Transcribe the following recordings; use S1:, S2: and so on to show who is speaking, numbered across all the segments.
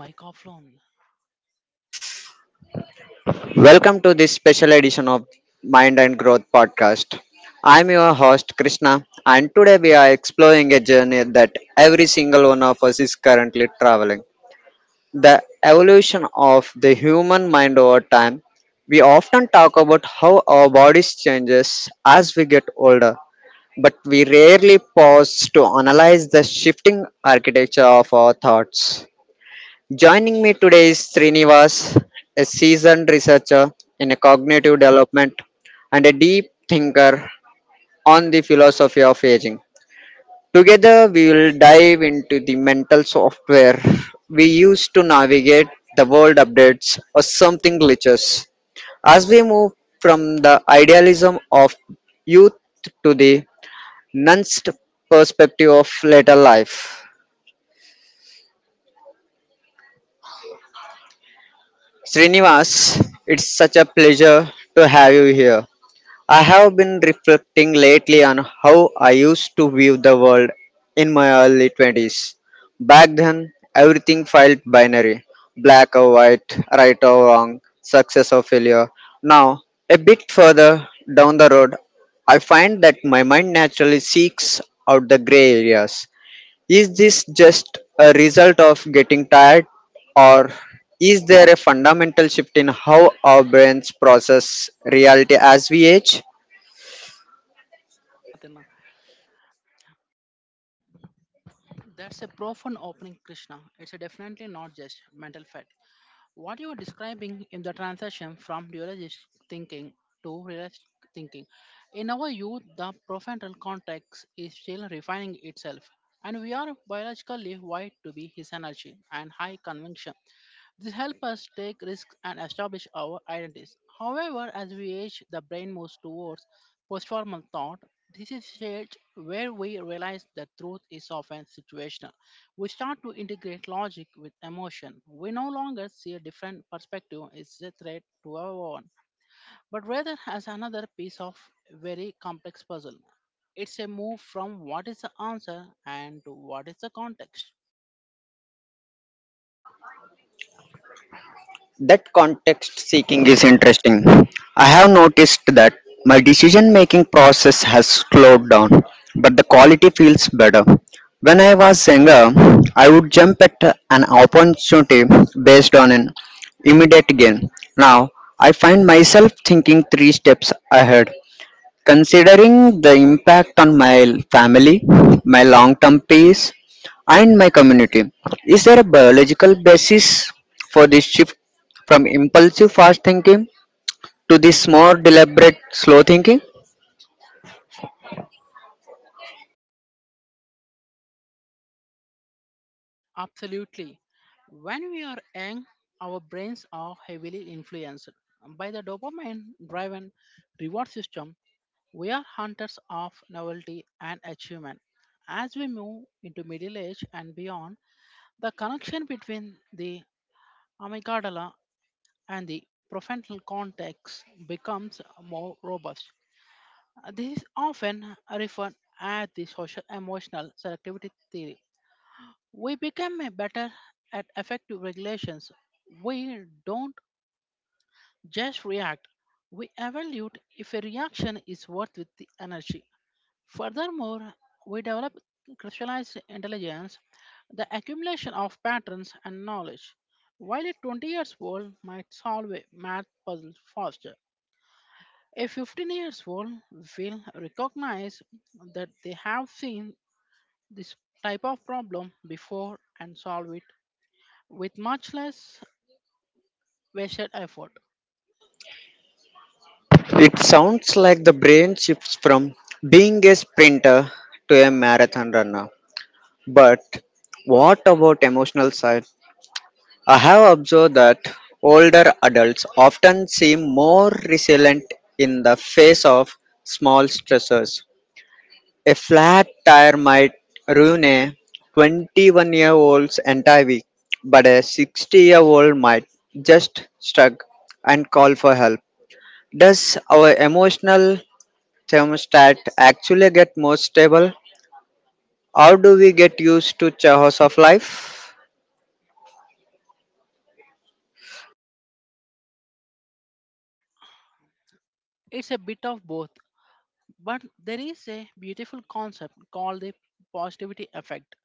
S1: Microphone.
S2: Welcome to this special edition of Mind and Growth podcast. I'm your host Krishna, and today we are exploring a journey that every single one of us is currently traveling. The evolution of the human mind over time. We often talk about how our bodies changes as we get older, but we rarely pause to analyze the shifting architecture of our thoughts. Joining me today is Srinivas, a seasoned researcher in cognitive development and a deep thinker on the philosophy of aging. Together, we will dive into the mental software we use to navigate the world updates or something glitches. As we move from the idealism of youth to the nuanced perspective of later life. Srinivas, it's such a pleasure to have you here. I have been reflecting lately on how I used to view the world in my early 20s. Back then, everything felt binary, black or white, right or wrong, success or failure. Now, a bit further down the road, I find that my mind naturally seeks out the gray areas. Is this just a result of getting tired, or is there a fundamental shift in how our brains process reality as we age?
S1: Nothing. That's a profound opening, Krishna. It's a definitely not just mental fact. What you are describing in the transition from dualist thinking to realist thinking. In our youth, the prefrontal cortex is still refining itself, and we are biologically wired to be his energy and high conviction. This helps us take risks and establish our identities. However, as we age, the brain moves towards post-formal thought. This is stage where we realize that truth is often situational. We start to integrate logic with emotion. We no longer see a different perspective as a threat to our own, but rather as another piece of very complex puzzle. It's a move from what is the answer and to what is the context.
S2: That context seeking is interesting. I have noticed that my decision making process has slowed down, but the quality feels better. When I was younger, I would jump at an opportunity based on an immediate gain. Now, I find myself thinking three steps ahead, considering the impact on my family, my long term peace, and my community. Is there a biological basis for this shift from impulsive fast thinking to this more deliberate slow thinking?
S1: Absolutely. When we are young, our brains are heavily influenced by the dopamine driven reward system. We are hunters of novelty and achievement. As we move into middle age and beyond, the connection between the amygdala and the prefrontal cortex becomes more robust. This is often referred as the social emotional selectivity theory we become a better at effective regulations. We don't just react, we evaluate if a reaction is worth with the energy. Furthermore, we develop crystallized intelligence, the accumulation of patterns and knowledge. While a 20 years old might solve a math puzzle faster, a 15 years old will recognize that they have seen this type of problem before and solve it with much less wasted effort.
S2: It sounds like the brain shifts from being a sprinter to a marathon runner. But what about emotional side? I have observed that older adults often seem more resilient in the face of small stressors. A flat tire might ruin a 21-year old's entire week, but a 60-year-old might just shrug and call for help. Does our emotional thermostat actually get more stable, or do we get used to chaos of life?
S1: It's a bit of both, but there is a beautiful concept called the positivity effect.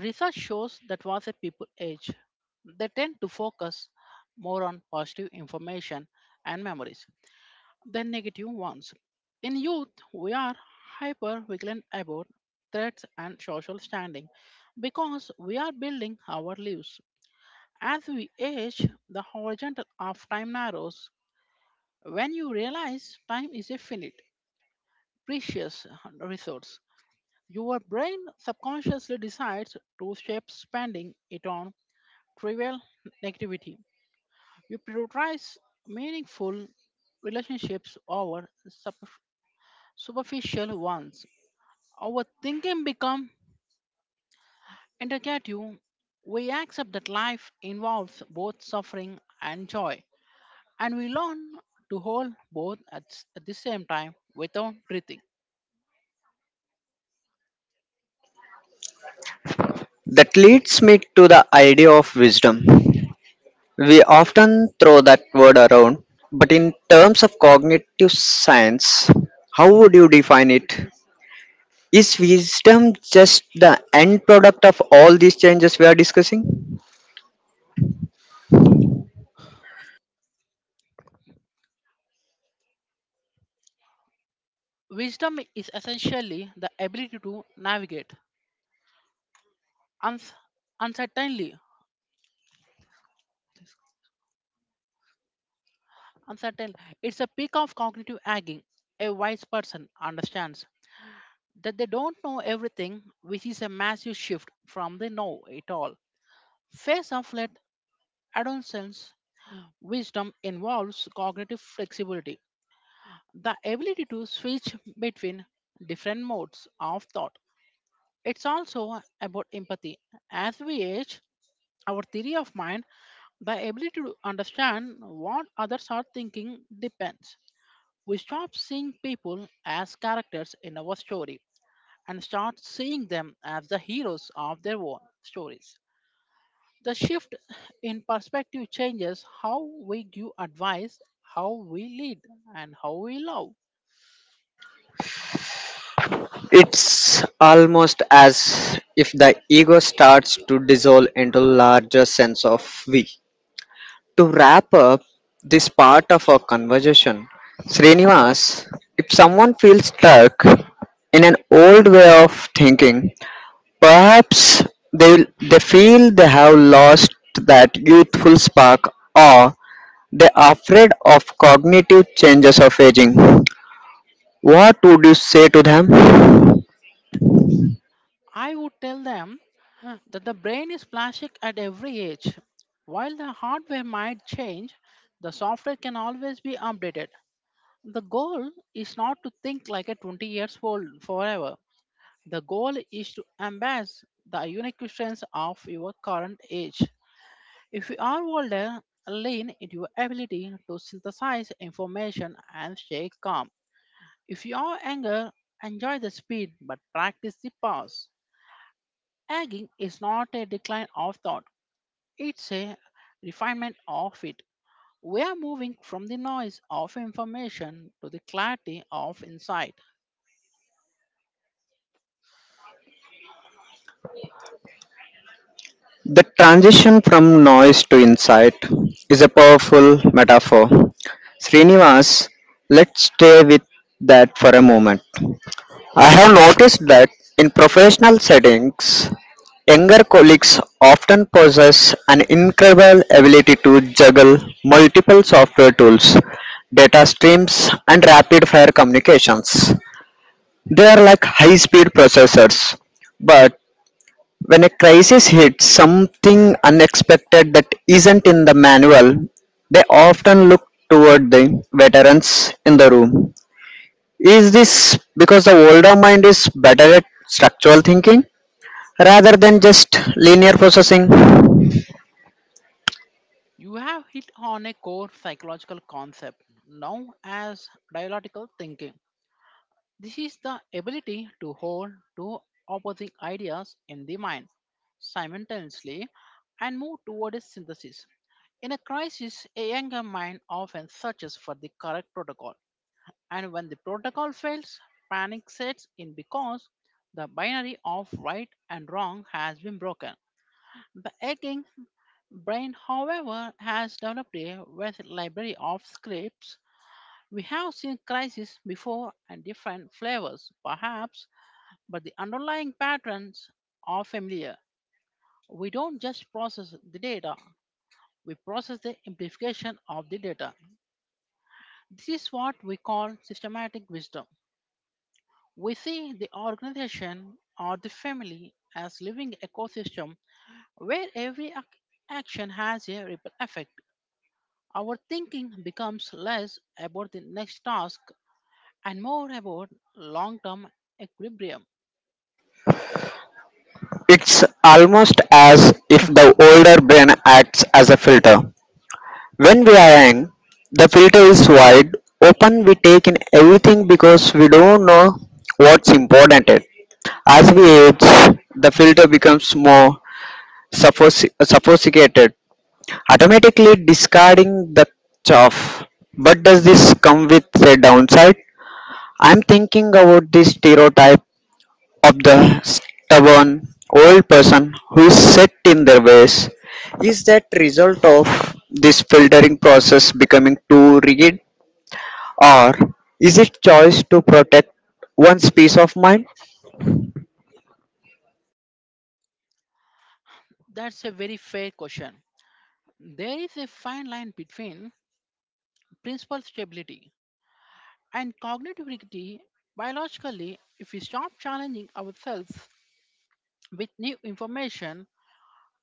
S1: Research shows that once a people age, they tend to focus more on positive information and memories than negative ones. In youth, we are hyper vigilant about threats and social standing because we are building our lives. As we age, the horizontal of time narrows. When you realize time is a finite, precious resource, your brain subconsciously decides to shape spending it on trivial activity. You prioritize meaningful relationships over superficial ones. Our thinking becomes integrative. We accept that life involves both suffering and joy, and we learn to hold both at the same time without breathing.
S2: That leads me to the idea of wisdom. We often throw that word around, but in terms of cognitive science, how would you define it? Is wisdom just the end product of all these changes we are discussing?
S1: Wisdom is essentially the ability to navigate uns- uncertainly. Uncertain. It's a peak of cognitive aging. A wise person understands that they don't know everything, which is a massive shift from they know it all. Phase of late adolescence wisdom involves cognitive flexibility, the ability to switch between different modes of thought. It's also about empathy. As we age, our theory of mind. The ability to understand what others are thinking depends. We stop seeing people as characters in our story and start seeing them as the heroes of their own stories. The shift in perspective changes how we give advice, how we lead, and how we love.
S2: It's almost as if the ego starts to dissolve into larger sense of we. To wrap up this part of our conversation, Srinivas, if someone feels stuck in an old way of thinking, perhaps they feel they have lost that youthful spark, or they are afraid of cognitive changes of aging. What would you say to them?
S1: I would tell them that the brain is plastic at every age. While the hardware might change, the software can always be updated. The goal is not to think like a 20 years old forever. The goal is to embrace the unique strengths of your current age. If you are older, lean into your ability to synthesize information and stay calm. If you are younger, enjoy the speed but practice the pause. Aging is not a decline of thought, it's a refinement of it. We are moving from the noise of information to the clarity of insight.
S2: The transition from noise to insight is a powerful metaphor. Srinivas, let's stay with that for a moment. I have noticed that in professional settings, younger colleagues often possess an incredible ability to juggle multiple software tools, data streams, and rapid-fire communications. They are like high-speed processors. But when a crisis hits, something unexpected that isn't in the manual, they often look toward the veterans in the room. Is this because the older mind is better at structural thinking rather than just linear processing?
S1: You have hit on a core psychological concept known as dialectical thinking. This is the ability to hold two opposing ideas in the mind simultaneously and move toward a synthesis. In a crisis, a younger mind often searches for the correct protocol, and when the protocol fails, panic sets in because the binary of right and wrong has been broken. The aching brain, however, has developed a vast library of scripts. We have seen crises before and different flavors, perhaps, but the underlying patterns are familiar. We don't just process the data, we process the amplification of the data. This is what we call systematic wisdom. We see the organization or the family as living ecosystem where action has a ripple effect. Our thinking becomes less about the next task and more about long term equilibrium.
S2: It's almost as if the older brain acts as a filter. When we are young, the filter is wide open, we take in everything because we don't know what's important yet. As we age, the filter becomes more sophisticated, automatically discarding the chaff. But does this come with a downside? I'm thinking about the stereotype of the stubborn old person who is set in their ways. Is that result of this filtering process becoming too rigid, or is it choice to protect one's peace of mind?
S1: That's a very fair question. There is a fine line between principal stability and cognitive rigidity. Biologically, if we stop challenging ourselves with new information,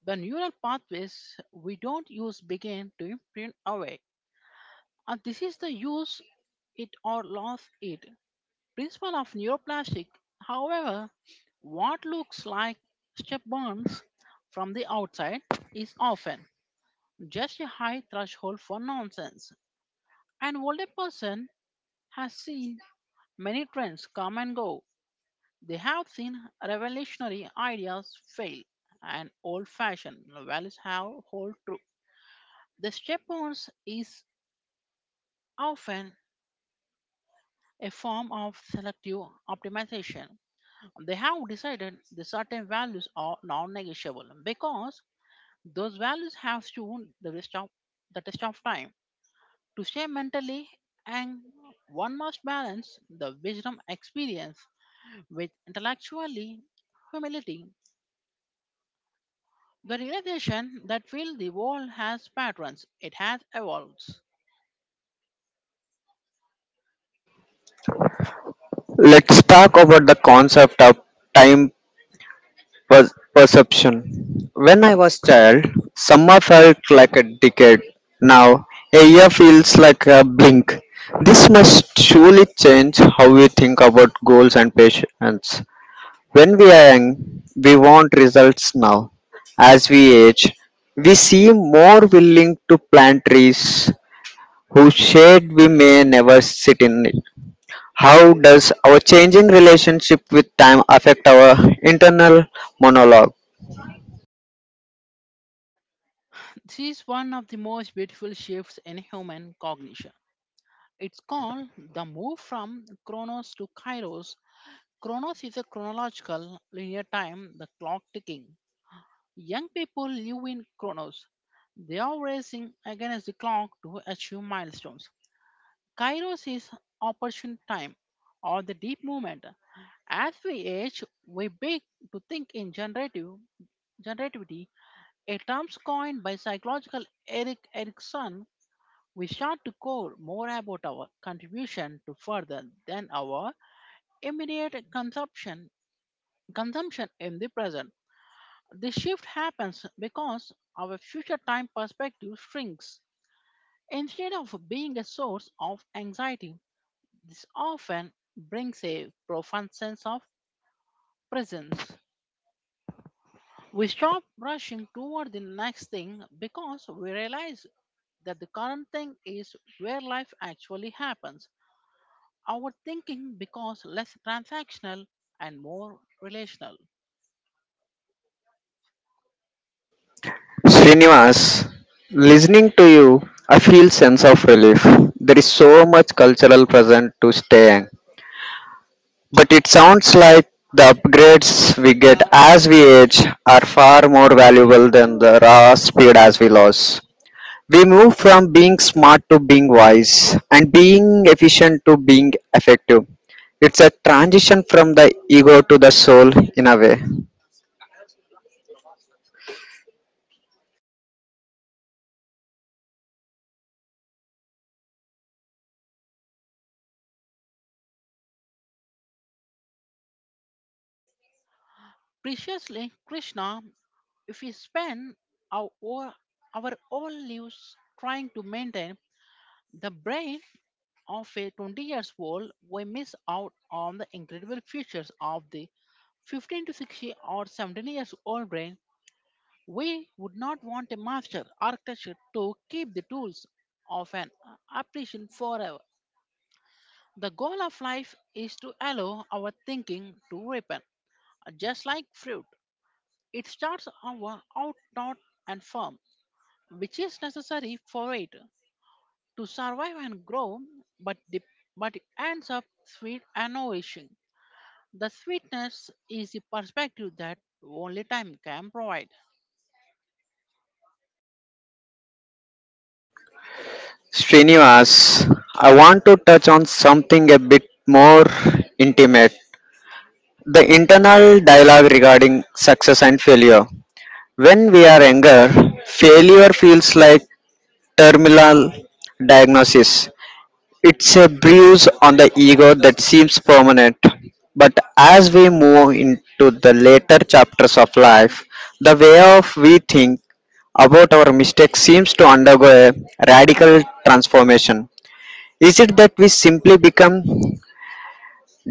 S1: the neural pathways we don't use begin to print away. And this is the use it or lose it principle of neuroplastic. However, what looks like step bonds from the outside is often just a high threshold for nonsense. An older person has seen many trends come and go. They have seen revolutionary ideas fail and old fashioned values have hold true. The step bonds is often a form of selective optimization. They have decided the certain values are non-negotiable because those values have stood the test of time. To stay mentally and one must balance the wisdom experience with intellectually humility. The realization that while the world has patterns, it has evolved.
S2: Let's talk about the concept of time perception. When I was child, summer felt like a decade. Now a year feels like a blink. This must surely change how we think about goals and patience. When we are young, we want results now. As we age, we seem more willing to plant trees whose shade we may never sit in. It. How does our changing relationship with time affect our internal monologue?
S1: This is one of the most beautiful shifts in human cognition. It's called the move from chronos to kairos. Chronos is a chronological linear time, the clock ticking. Young people live in Chronos. They are racing against the clock to achieve milestones. Kairos is opportune time or the deep movement. As we age, we begin to think in generative generativity, a term coined by psychological Eric Erikson. We start to care more about our contribution to further than our immediate consumption in the present. This shift happens because our future time perspective shrinks. Instead of being a source of anxiety, this often brings a profound sense of presence. We stop rushing toward the next thing because we realize that the current thing is where life actually happens. Our thinking becomes less transactional and more relational.
S2: Srinivas, listening to you, I feel sense of relief. There is so much cultural present to stay. But it sounds like the upgrades we get as we age are far more valuable than the raw speed as we lose. We move from being smart to being wise and being efficient to being effective. It's a transition from the ego to the soul in a way.
S1: Preciously, Krishna. If we spend our, all- our all lives trying to maintain the brain of a 20 years old, we miss out on the incredible features of the 15 to 60 or 17 years old brain. We would not want a master architect to keep the tools of an apparition forever. The goal of life is to allow our thinking to ripen, just like fruit. It starts our out, not and firm, which is necessary for it to survive and grow, but the, but it ends up sweet and nourishing. The sweetness is a perspective that only time can provide.
S2: Srinivas, I want to touch on something a bit more intimate, the internal dialogue regarding success and failure. When we are younger, failure feels like terminal diagnosis. It's a bruise on the ego that seems permanent. But as we move into the later chapters of life, the way of we think about our mistakes seems to undergo a radical transformation. Is it that we simply become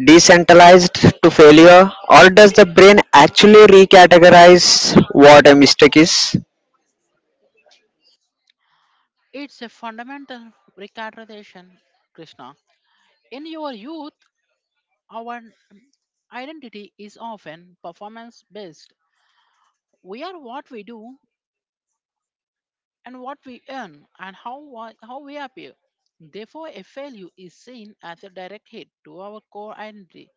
S2: decentralized to failure, or does the brain actually recategorize what a mistake is?
S1: It's a fundamental recarnation, Krishna. In your youth, our identity is often performance based. We are what we do and what we earn and how we appear. Therefore, a failure is seen as a direct hit to our core identity.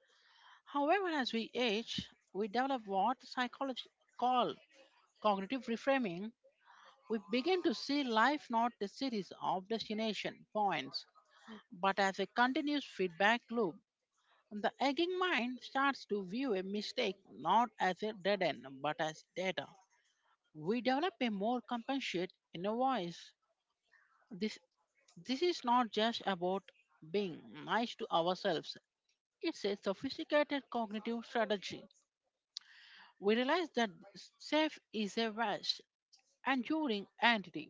S1: However, as we age, we develop what psychologists call cognitive reframing. We begin to see life not a series of destination points, but as a continuous feedback loop. The aging mind starts to view a mistake not as a dead end, but as data. We develop a more compassionate inner voice. This, this is not just about being nice to ourselves, it's a sophisticated cognitive strategy. We realize that self is a vast, enduring entity,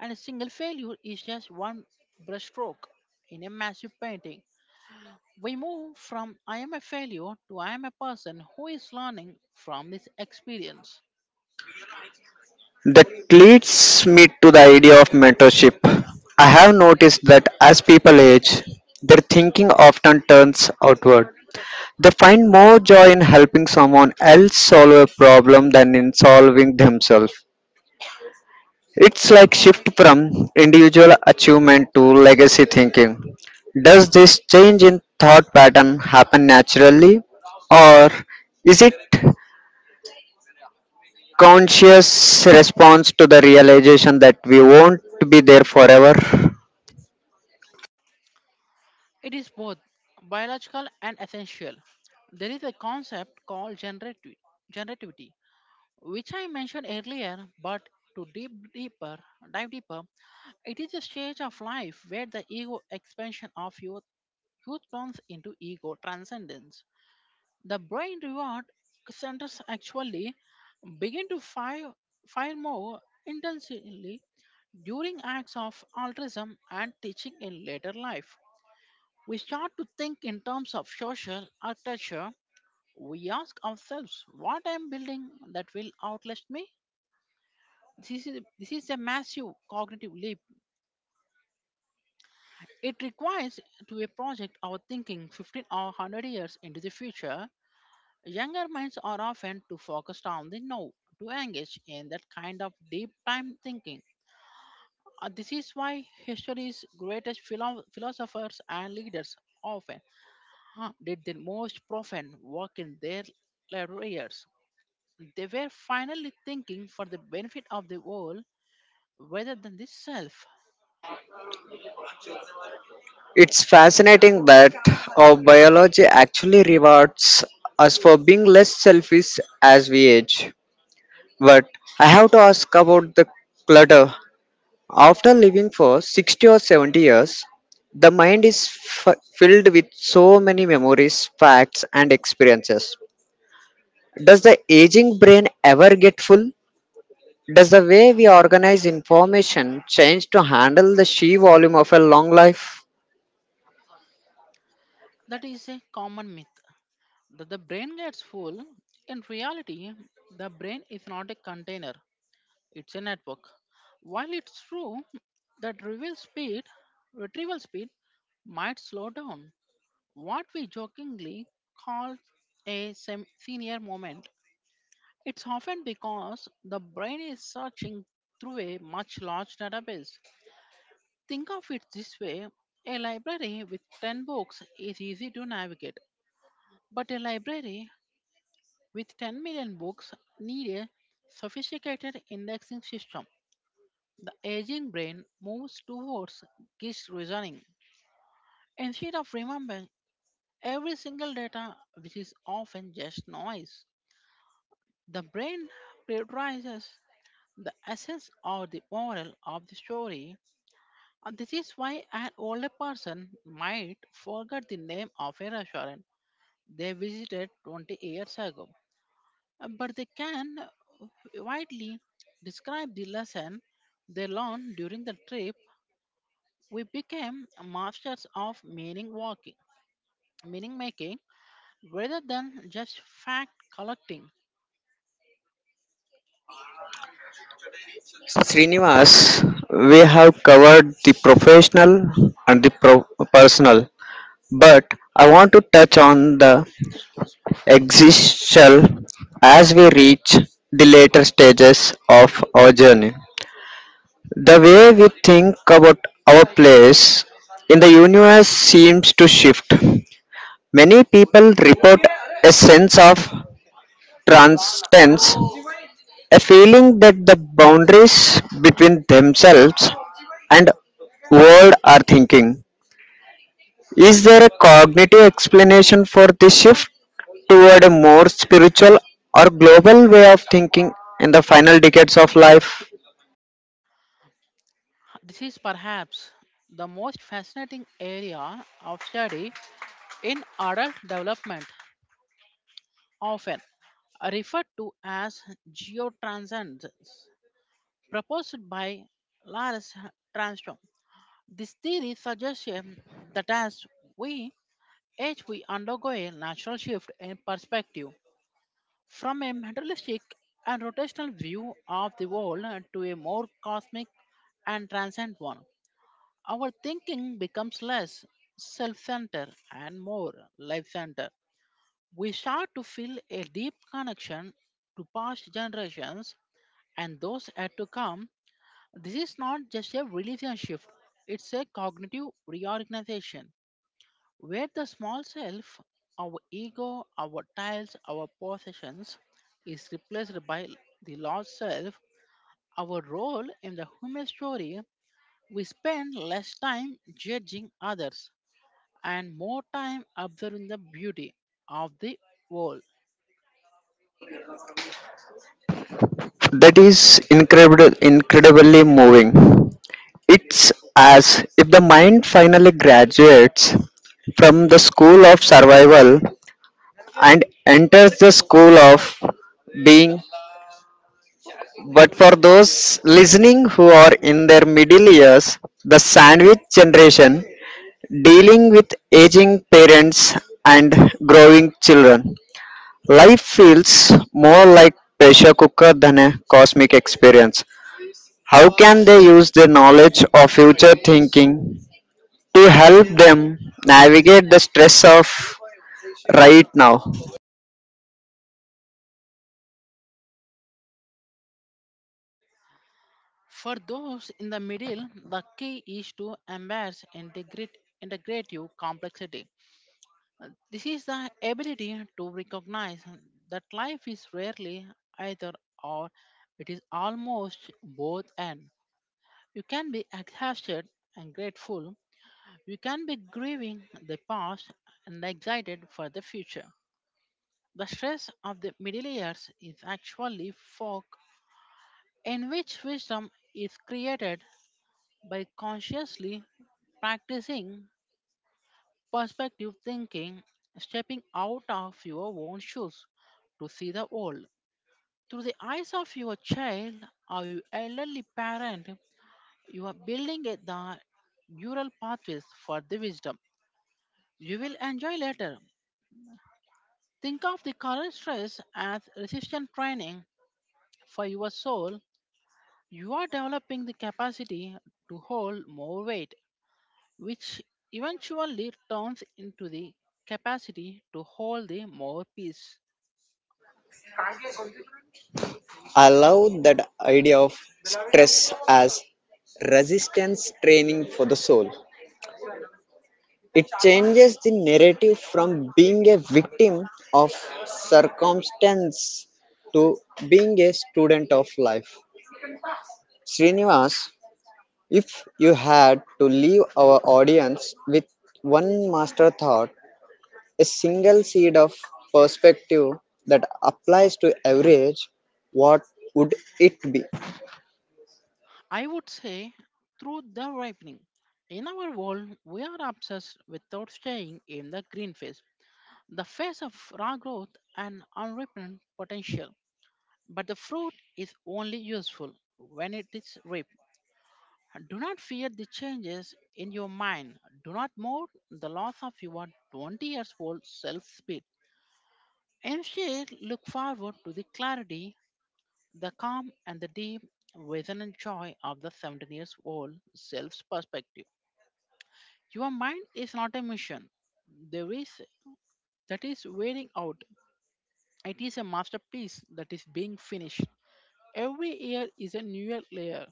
S1: and a single failure is just one brushstroke in a massive painting. We move from I am a failure to I am a person who is learning from this experience.
S2: That leads me to the idea of mentorship. I have noticed that as people age, their thinking often turns outward. They find more joy in helping someone else solve a problem than in solving themselves. It's like shift from individual achievement to legacy thinking. Does this change in thought pattern happen naturally, or is it conscious response to the realization that we won't be there forever?
S1: It is both biological and essential. There is a concept called generativity, which I mentioned earlier, but to deep deeper dive deeper, it is a stage of life where the ego expansion of youth turns into ego transcendence. The brain reward centers actually begin to fire more intensely during acts of altruism and teaching in later life. We start to think in terms of social architecture. We ask ourselves, what I am building that will outlast me? This is a massive cognitive leap. It requires to a project our thinking 15 or 100 years into the future. Younger minds are often too focused on the now to engage in that kind of deep time thinking. This is why history's greatest philosophers and leaders often did their most profound work in their later years. They were finally thinking for the benefit of the world rather than the self.
S2: It's fascinating that our biology actually rewards us for being less selfish as we age. But I have to ask about the clutter. After living for 60 or 70 years, the mind is filled with so many memories, facts, and experiences. Does the aging brain ever get full? Does the way we organize information change to handle the sheer volume of a long life?
S1: That is a common myth. That the brain gets full. In reality, the brain is not a container, it's a network. While it's true that retrieval speed might slow down, what we jokingly call a senior moment, it's often because the brain is searching through a much large database. Think of it this way a library with 10 books is easy to navigate, but a library with 10 million books, need a sophisticated indexing system. The aging brain moves towards this reasoning. Instead of remembering every single data, which is often just noise, the brain prioritizes the essence or the moral of the story. And this is why an older person might forget the name of a restaurant they visited 20 years ago, but they can widely describe the lesson they learned during the trip. We became masters of meaning walking, meaning making, rather than just fact collecting.
S2: Srinivas, we have covered the professional and the personal, but I want to touch on the existential. As we reach the later stages of our journey, the way we think about our place in the universe seems to shift. Many people report a sense of transcendence, a feeling that the boundaries between themselves and world are thinking. Is there a cognitive explanation for this shift toward a more spiritual or global way of thinking in the final decades of life?
S1: This is perhaps the most fascinating area of study in adult development, often referred to as geotranscendence, proposed by Lars Transtrom. This theory suggests that as we age, we undergo a natural shift in perspective from a materialistic and rotational view of the world to a more cosmic and transcendent one. Our thinking becomes less self centered and more life centered. We start to feel a deep connection to past generations and those yet to come. This is not just a religion shift, it's a cognitive reorganization where the small self, our ego, our tiles, our possessions, is replaced by the large self, our role in the human story. We spend less time judging others and more time observing the beauty of the whole.
S2: That is incredibly moving. It's as if the mind finally graduates from the school of survival and enters the school of being. But for those listening who are in their middle years, the sandwich generation, dealing with aging parents and growing children, life feels more like pressure cooker than a cosmic experience. How can they use their knowledge of future thinking to help them navigate the stress of right now?
S1: For those in the middle, the key is to embrace integrative complexity. This is the ability to recognize that life is rarely either or, it is almost both and. You can be exhausted and grateful, you can be grieving the past and excited for the future. The stress of the middle years is actually fog in which wisdom is created by consciously practicing perspective thinking, stepping out of your own shoes to see the world. Through the eyes of your child or your elderly parent, you are building the neural pathways for the wisdom you will enjoy later. Think of the current stress as resistance training for your soul. You are developing the capacity to hold more weight, which eventually turns into the capacity to hold the more peace.
S2: I love that idea of stress as resistance training for the soul. It changes the narrative from being a victim of circumstance to being a student of life. Srinivas, if you had to leave our audience with one master thought, a single seed of perspective that applies to every age, what would it be?
S1: I would say through the ripening. In our world, we are obsessed without staying in the green phase, the phase of raw growth and unripened potential. But the fruit is only useful when it is ripe. Do not fear the changes in your mind. Do not mourn the loss of your 20 years old self speed. Instead, look forward to the clarity, the calm, and the deep resonant joy of the 17 years old self's perspective. Your mind is not a mission. There is that is wearing out. It is a masterpiece that is being finished. Every year is a newer layer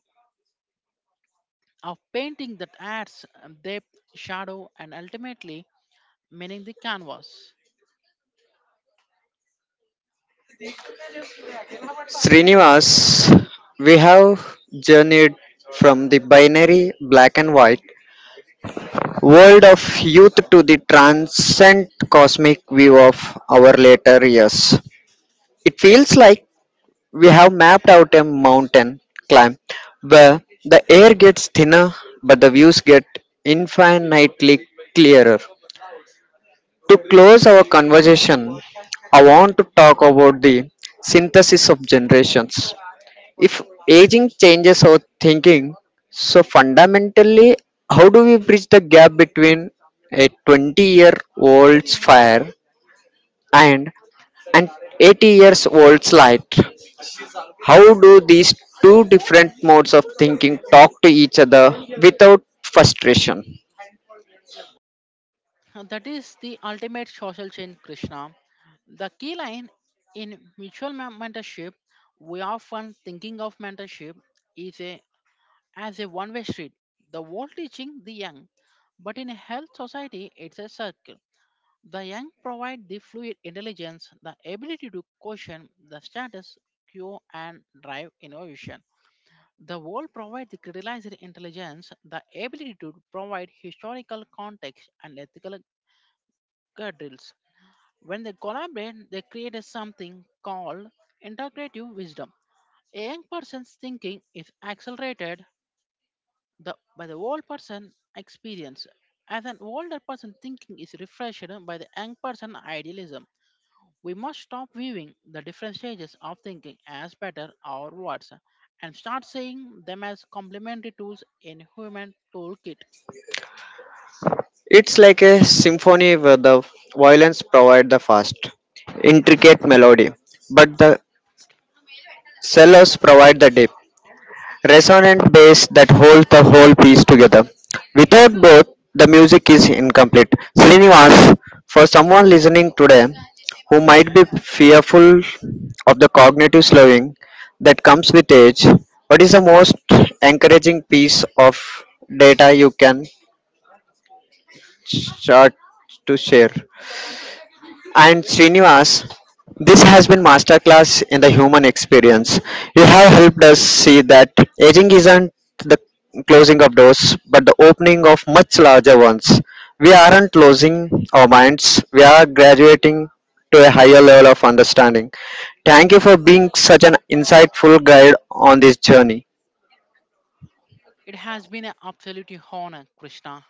S1: of painting that adds depth, shadow, and ultimately meaning the canvas.
S2: Srinivas, we have journeyed from the binary black and white world of youth to the transcendent cosmic view of our later years. It feels like we have mapped out a mountain climb where the air gets thinner but the views get infinitely clearer. To close our conversation, I want to talk about the synthesis of generations. If aging changes our thinking so fundamentally, how do we bridge the gap between a 20-year old's fire and an 80 years old's light? How do these two different modes of thinking talk to each other without frustration?
S1: And that is the ultimate social change, Krishna. The key line in mutual mentorship, we often thinking of mentorship is a as a one way street, the old teaching the young. But in a health society, it's a circle. The young provide the fluid intelligence, the ability to question the status quo and drive innovation. The old provide the crystallized intelligence, the ability to provide historical context and ethical guardrails. When they collaborate, they create a something called integrative wisdom. A young person's thinking is accelerated the by the old person experience, as an older person thinking is refreshed by the young person idealism. We must stop viewing the different stages of thinking as better or worse and start seeing them as complementary tools in human toolkit.
S2: It's like a symphony where the violins provide the fast intricate melody, but the cellos provide the depth resonant bass that holds the whole piece together. Without both, the music is incomplete. Srinivas, for someone listening today who might be fearful of the cognitive slowing that comes with age, what is the most encouraging piece of data you can start to share? And Srinivas, this has been masterclass in the human experience. You have helped us see that aging isn't the closing of doors, but the opening of much larger ones. We aren't closing our minds, we are graduating to a higher level of understanding. Thank you for being such an insightful guide on this journey.
S1: It has been an absolute honor, Krishna.